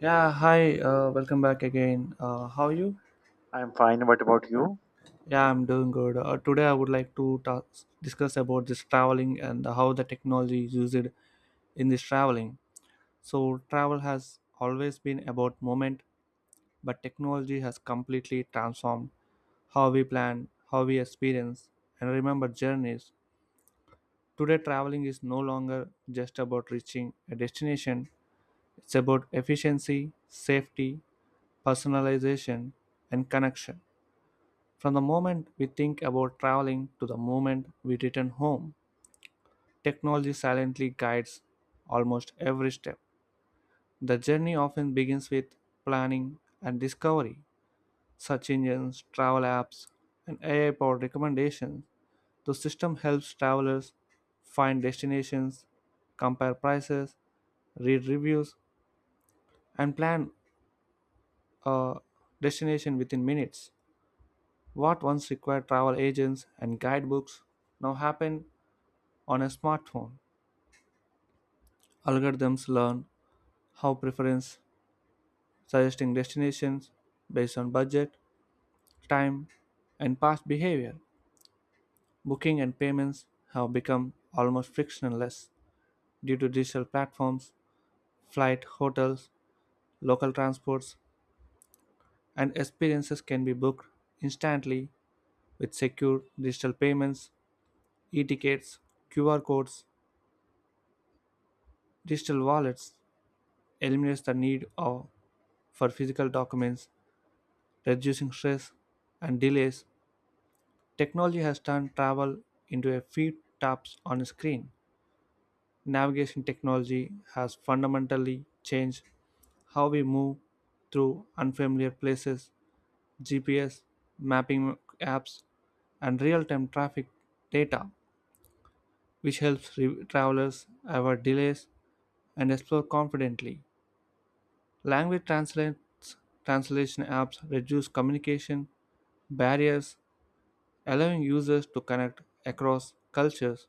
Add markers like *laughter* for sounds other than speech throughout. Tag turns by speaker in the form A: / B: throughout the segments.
A: Yeah, hi, welcome back again. How are you?
B: I'm fine. What about you?
A: Yeah, I'm doing good. Today, I would like to discuss about this traveling and how the technology is used in this traveling. So, travel has always been about moment, but technology has completely transformed how we plan, how we experience, and remember journeys. Today, traveling is no longer just about reaching a destination, it's about efficiency, safety, personalization, and connection. From the moment we think about traveling to the moment we return home, technology silently guides almost every step. The journey often begins with planning and discovery. Search engines, travel apps, and AI powered recommendations. The system helps travelers find destinations, compare prices, read reviews, and plan a destination within minutes. What once required travel agents and guidebooks now happen on a smartphone. Algorithms learn how preference, suggesting destinations based on budget, time, and past behavior. Booking and payments have become almost frictionless due to digital platforms, flight, hotels, local transports, and experiences can be booked instantly with secure digital payments, e-tickets, QR codes, digital wallets eliminates the need of, for physical documents, reducing stress and delays. Technology has turned travel into a few taps on a screen. Navigation technology has fundamentally changed how we move through unfamiliar places. GPS, mapping apps, and real time traffic data, which helps travelers avoid delays and explore confidently. Language translates, translation apps reduce communication barriers, allowing users to connect across cultures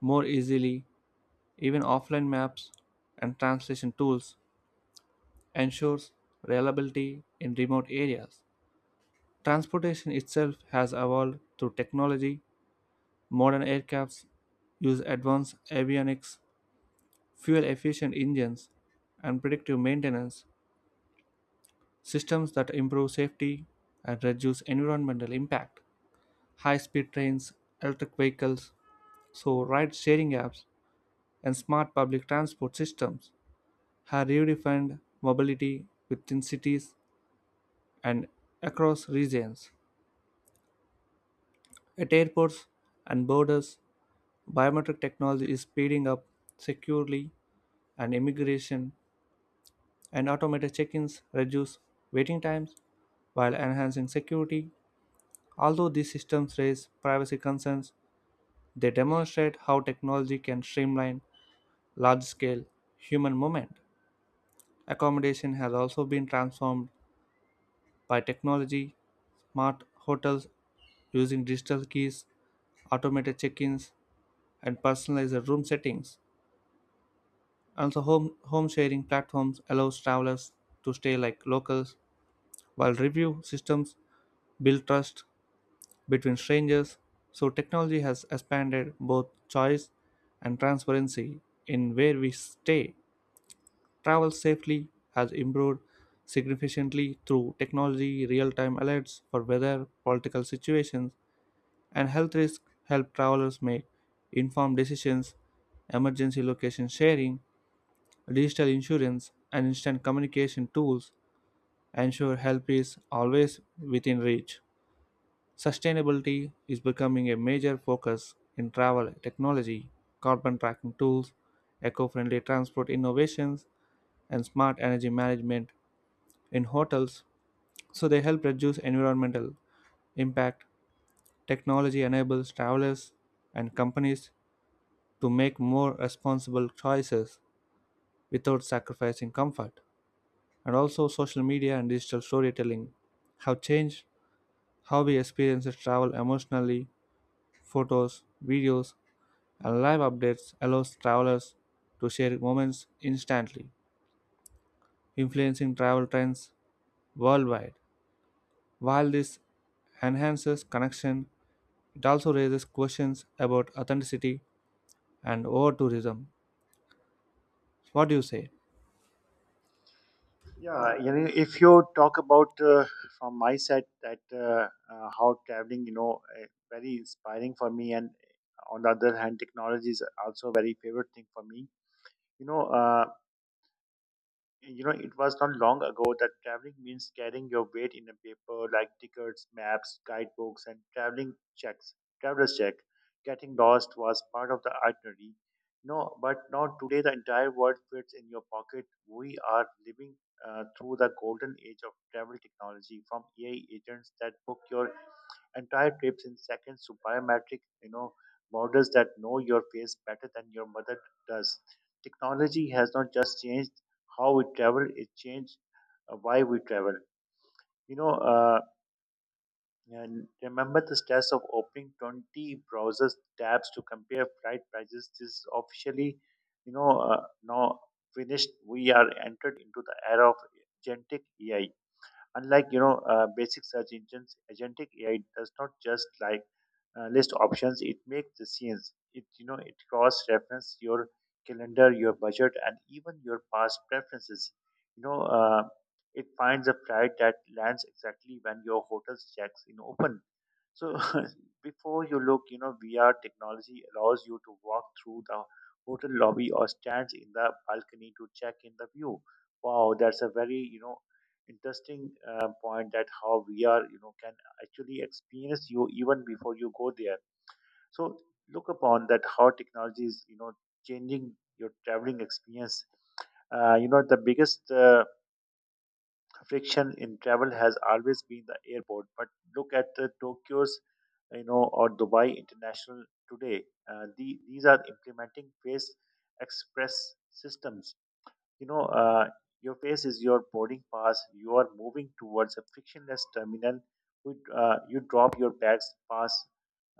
A: more easily. Even offline maps and translation tools ensures reliability in remote areas. Transportation itself has evolved through technology. Modern aircrafts use advanced avionics, fuel efficient engines, and predictive maintenance systems that improve safety and reduce environmental impact. High speed trains, electric vehicles, so ride sharing apps, and smart public transport systems have redefined mobility within cities and across regions. At airports and borders, biometric technology is speeding up securely and immigration and automated check-ins reduce waiting times while enhancing security. Although these systems raise privacy concerns, they demonstrate how technology can streamline large-scale human movement. Accommodation has also been transformed by technology, smart hotels using digital keys, automated check-ins, and personalized room settings. Also, home sharing platforms allows travelers to stay like locals, while review systems build trust between strangers. So, technology has expanded both choice and transparency in where we stay. Travel safely has improved significantly through technology, real time alerts for weather, political situations, and health risks help travelers make informed decisions, emergency location sharing, digital insurance and instant communication tools ensure help is always within reach. Sustainability is becoming a major focus in travel technology, carbon tracking tools, eco friendly transport innovations, and smart energy management in hotels so they help reduce environmental impact. Technology enables travelers and companies to make more responsible choices without sacrificing comfort. And also social media and digital storytelling have changed how we experience travel emotionally. Photos, videos, and live updates allows travelers to share moments instantly, influencing travel trends worldwide. While this enhances connection, it also raises questions about authenticity and over tourism. What do you say?
B: Yeah, you know, if you talk about from my side that how traveling, you know, very inspiring for me, and on the other hand, technology is also a very favorite thing for me. You know, uh, you know, it was not long ago that traveling means carrying your weight in a paper like tickets, maps, guidebooks, and traveling checks, traveler's check. Getting lost was part of the itinerary. No, but now today the entire world fits in your pocket. We are living through the golden age of travel technology, from AI agents that book your entire trips in seconds to biometric, you know, models that know your face better than your mother does. Technology has not just changed how we travel, it changed why we travel, you know uh, and remember the stats of opening 20 browsers tabs to compare flight prices. This is officially, now, finished. We are entered into the era of agentic AI. Unlike basic search engines, agentic AI does not just list options; it makes decisions. It cross reference your calendar, your budget, and even your past preferences. You know uh, it finds a flight that lands exactly when your hotel's checks in open. So *laughs* before you look, you know, VR technology allows you to walk through the hotel lobby or stands in the balcony to check in the view. Wow, that's a very, you know, interesting point that how VR, you know, can actually experience you even before you go there. So look upon that how technology is, you know, changing your traveling experience. You know, the biggest friction in travel has always been the airport. But look at the Tokyo's, you know, or Dubai International today. These are implementing face express systems. you know, uh, your face is your boarding pass. You are moving towards a frictionless terminal. You drop your bags, pass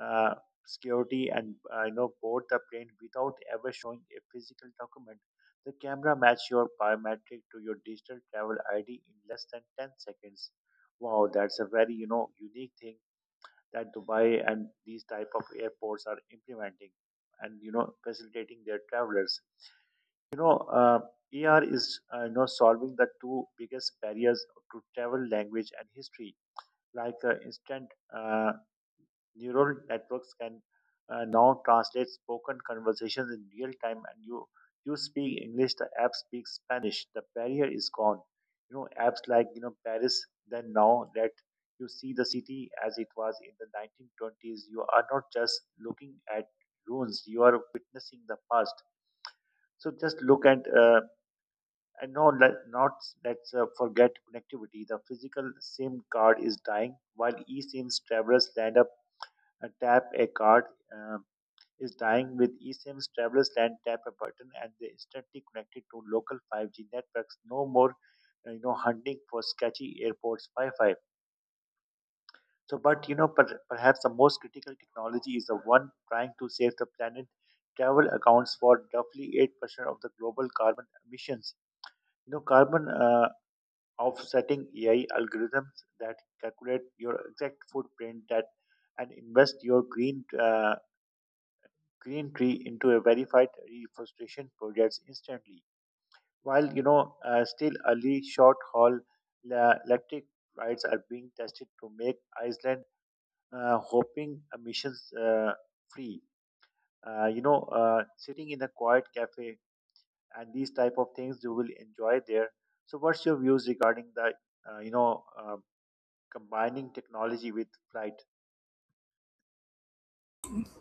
B: uh, security, and you know, board the plane without ever showing a physical document. The camera match your biometric to your digital travel ID in less than 10 seconds. Wow, that's a very, you know, unique thing that Dubai and these type of airports are implementing and, you know, facilitating their travelers. You know, uh, ER is, you know, solving the two biggest barriers to travel: language and history. Like instant uh, neural networks can now translate spoken conversations in real time, and you speak English, the app speaks Spanish. The barrier is gone. You know, apps like, you know, Paris then now let you see the city as it was in the 1920s. You are not just looking at ruins; you are witnessing the past. So just look at and no, let, not let's forget connectivity. The physical SIM card is dying, while eSIMs travelers land up tap a card uh, is dying. With eSIMs, travelers land, tap a button, and they instantly connected to local 5G networks. No more, you know, hunting for sketchy airports Wi-Fi. But you know, perhaps the most critical technology is the one trying to save the planet. Travel accounts for roughly 8% of the global carbon emissions. You know carbon Of setting AI algorithms that calculate your exact footprint, that and invest your green green tree into a verified reforestation projects instantly. While, you know, still early, short haul electric rides are being tested to make Iceland hoping emissions free. Sitting in a quiet cafe, and these type of things you will enjoy there. So, what's your views regarding the, uh, you know uh, combining technology with flight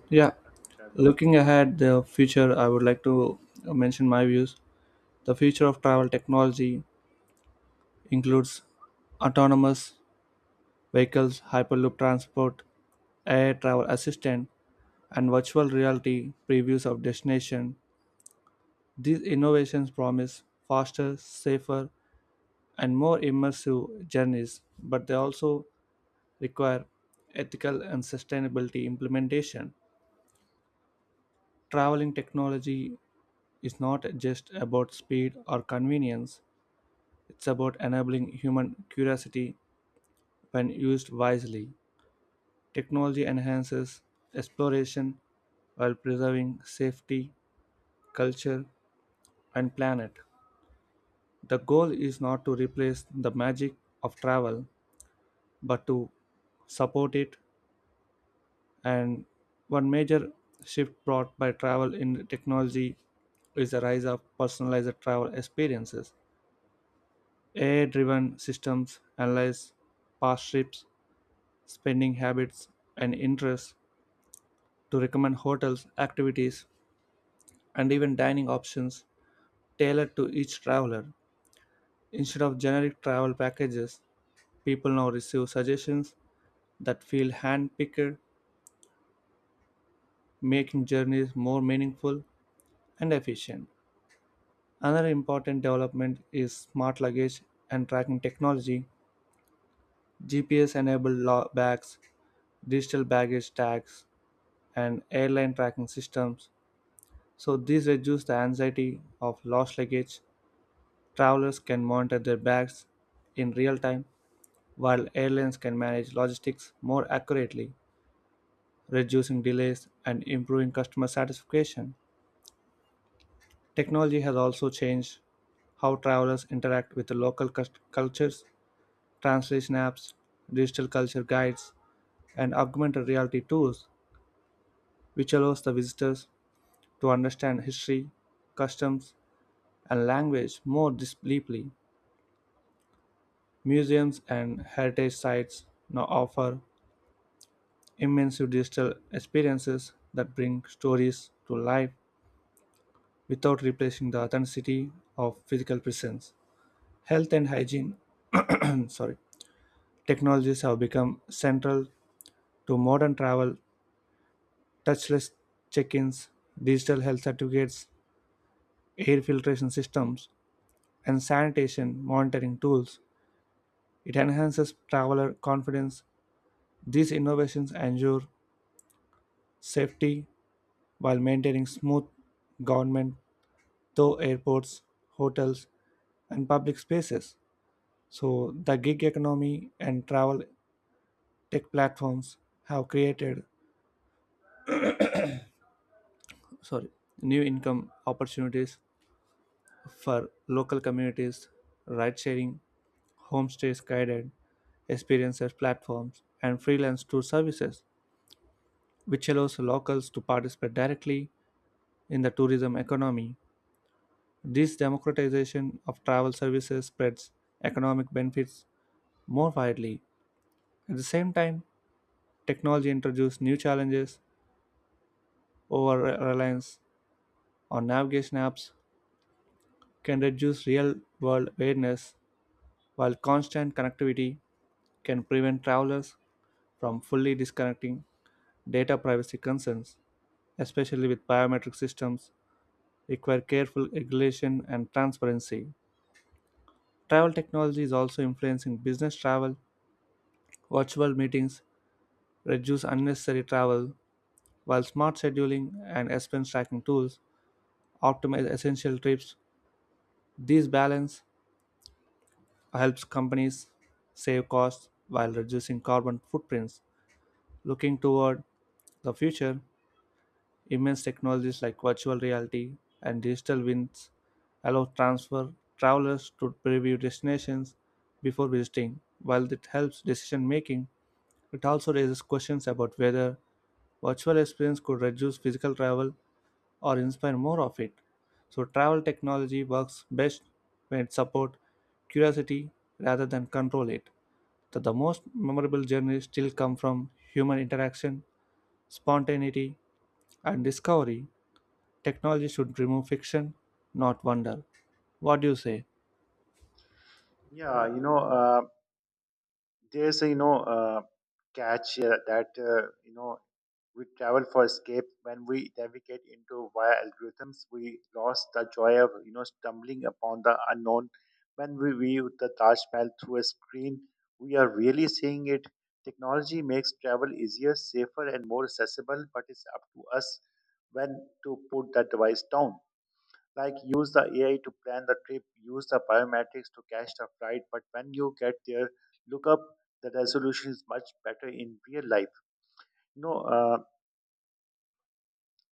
A: Yeah,
B: traveling?
A: looking ahead the future I would like to mention my views the future of travel technology includes autonomous vehicles, hyperloop transport, air travel assistant, and virtual reality previews of destination. These innovations promise faster, safer, and more immersive journeys, but they also require ethical and sustainability implementation. Traveling technology is not just about speed or convenience, it's about enabling human curiosity when used wisely. Technology enhances exploration while preserving safety, culture, and planet. The goal is not to replace the magic of travel, but to support it. And one major shift brought by travel in technology is the rise of personalized travel experiences. AI driven systems analyze past trips, spending habits, and interests to recommend hotels, activities, and even dining options tailored to each traveler. Instead of generic travel packages, people now receive suggestions that feel hand picked, making journeys more meaningful and efficient. Another important development is smart luggage and tracking technology. GPS enabled bags, digital baggage tags, and airline tracking systems. So, these reduce the anxiety of lost luggage. Travelers can monitor their bags in real time while airlines can manage logistics more accurately, reducing delays and improving customer satisfaction. Technology has also changed how travelers interact with the local cultures. Translation apps, digital culture guides, and augmented reality tools, which allows the visitors to understand history, customs, and language more deeply. Museums and heritage sites now offer immersive digital experiences that bring stories to life without replacing the authenticity of physical presence. Health and hygiene mm, sorry, technologies have become central to modern travel, touchless check ins, digital health certificates, air filtration systems, and sanitation monitoring tools. It enhances traveler confidence. These innovations ensure safety while maintaining smooth government, through airports, hotels, and public spaces. So the gig economy and travel tech platforms have created sorry, new income opportunities for local communities, ride sharing, homestays guided experiences platforms, and freelance tour services, which allows locals to participate directly in the tourism economy. This democratization of travel services spreads economic benefits more widely. At the same time, technology introduced new challenges over reliance on navigation apps can reduce real world awareness, while constant connectivity can prevent travelers from fully disconnecting data privacy concerns, especially with biometric systems, require careful regulation and transparency. Travel technology is also influencing business travel. Virtual meetings reduce unnecessary travel, while smart scheduling and expense tracking tools optimize essential trips. This balance helps companies save costs while reducing carbon footprints. Looking toward the future, immense technologies like virtual reality and digital winds allow transfer travelers to preview destinations before visiting. While it helps decision making, it also raises questions about whether virtual experience could reduce physical travel or inspire more of it. So travel technology works best when it supports curiosity rather than control it. That the most memorable journeys still come from human interaction, spontaneity, and discovery, technology should remove fiction, not wonder. What do you say?
B: Yeah, you know, there's a, catch here that, you know, we travel for escape. When we navigate into via algorithms, we lost the joy of, you know, stumbling upon the unknown. When we view the Taj Mahal through a screen, we are really seeing it. Technology makes travel easier, safer, and more accessible, but it's up to us when to put that device down. Like use the AI to plan the trip, use the biometrics to catch the flight, but when you get there, look up, the resolution is much better in real life. You know, uh,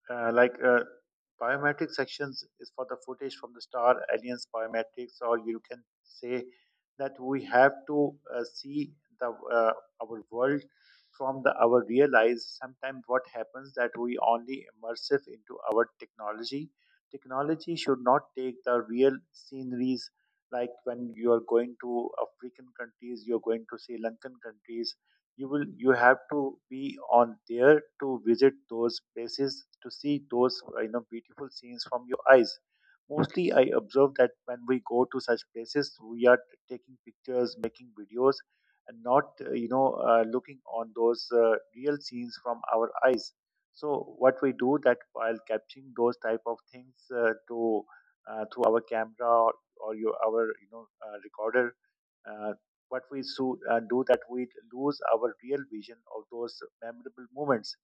B: uh, like uh, Biometric sections is for the footage from the star aliens biometrics, or you can say that we have to see the our world from the our real eyes. Sometimes what happens that we only immersive into our technology. Technology should not take the real sceneries. Like when you are going to African countries, you're going to Sri Lankan countries, you have to be on there to visit those places, to see those, you know, beautiful scenes from your eyes. Mostly I observe that when we go to such places, we are taking pictures, making videos, and not, looking on those real scenes from our eyes. So what we do that, while capturing those type of things, to through our camera, or your our recorder, uh, do that we lose our real vision of those memorable moments.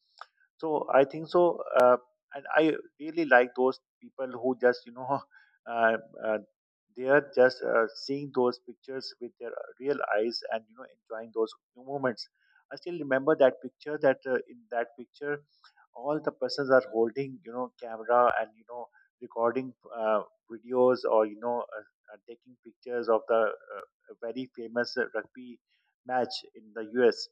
B: So I think so, and I really like those people who just, you know, *laughs* uh, uh, they are just, seeing those pictures with their real eyes and, you know, enjoying those moments. I still remember that picture that, in that picture all the persons are holding, you know, camera and, you know, recording uh, videos, or, taking pictures of the, a very famous rugby match in the US.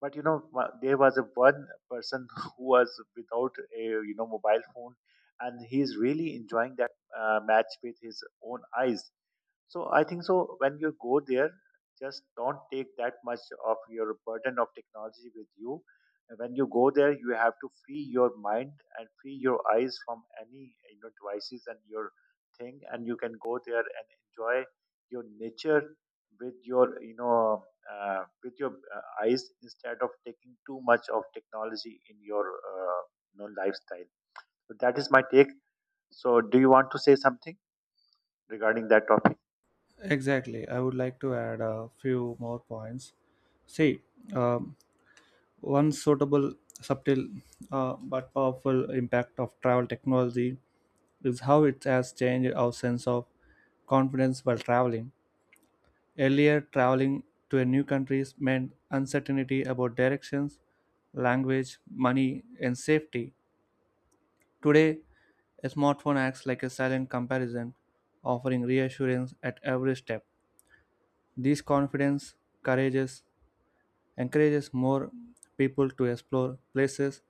B: But you know, there was a one person *laughs* who was without a, you know, mobile phone, and he's really enjoying that match with his own eyes. So I think so, when you go there, just don't take that much of your burden of technology with you. And when you go there, you have to free your mind and free your eyes from any, you know, devices and your thing, and you can go there and enjoy your nature with your, you know, with your eyes, instead of taking too much of technology in your, you know, lifestyle. So that is my take. So do you want to say something regarding that topic?
A: Exactly. I would like to add a few more points. See, um, one subtle, but powerful impact of travel technology is how it has changed our sense of confidence while traveling. Earlier, traveling to a new country meant uncertainty about directions, language, money, and safety. Today, a smartphone acts like a silent comparison, offering reassurance at every step. This confidence courageous, encourages more people to explore places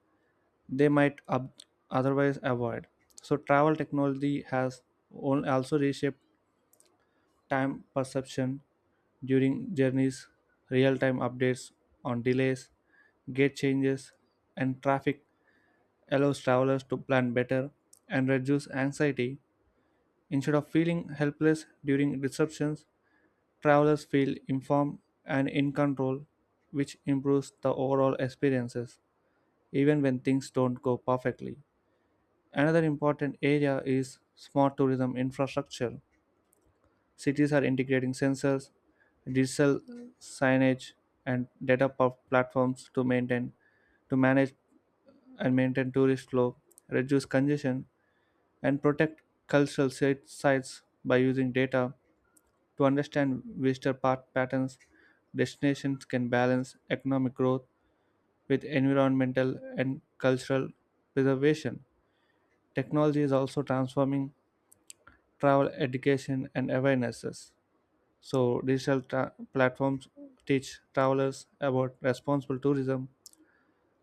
A: they might otherwise avoid. So, travel technology has also reshaped time perception during journeys, real time updates on delays, gate changes, and traffic allows travelers to plan better and reduce anxiety. Instead of feeling helpless during disruptions, travelers feel informed and in control, which improves the overall experiences, even when things don't go perfectly. Another important area is smart tourism infrastructure. Cities are integrating sensors, digital signage, and data platforms to manage and maintain tourist flow, reduce congestion, and protect cultural sites by using data to understand visitor patterns, destinations can balance economic growth with environmental and cultural preservation. Technology is also transforming travel education and awarenesses. So, digital platforms teach travelers about responsible tourism,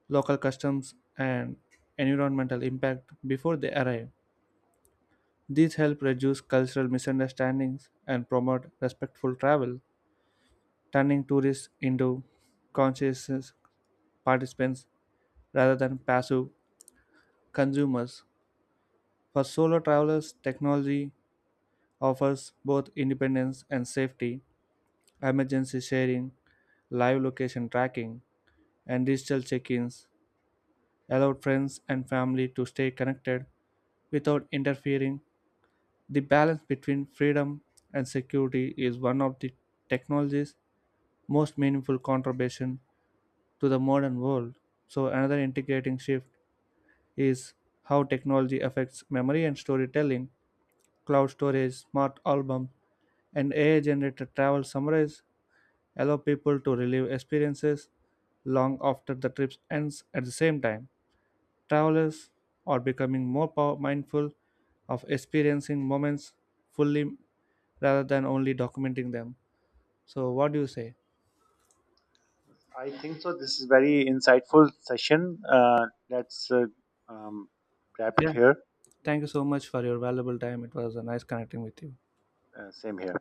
A: local customs, and environmental impact before they arrive. These help reduce cultural misunderstandings and promote respectful travel, turning tourists into conscientious participants rather than passive consumers. For solo travelers, technology offers both independence and safety, emergency sharing, live location tracking, and digital check ins allow friends and family to stay connected without interfering. The balance between freedom and security is one of the technology's most meaningful contribution to the modern world. So another integrating shift is how technology affects memory and storytelling. Cloud storage, smart album, and AI generated travel summaries allow people to relive experiences long after the trip ends at the same time. Travelers are becoming more mindful of experiencing moments fully rather than only documenting them. So, what do you say?
B: I think so. This is very insightful session. Let's um, wrap it
A: Yeah.
B: here.
A: Thank you so much for your valuable time. It was a nice connecting with you.
B: Same here.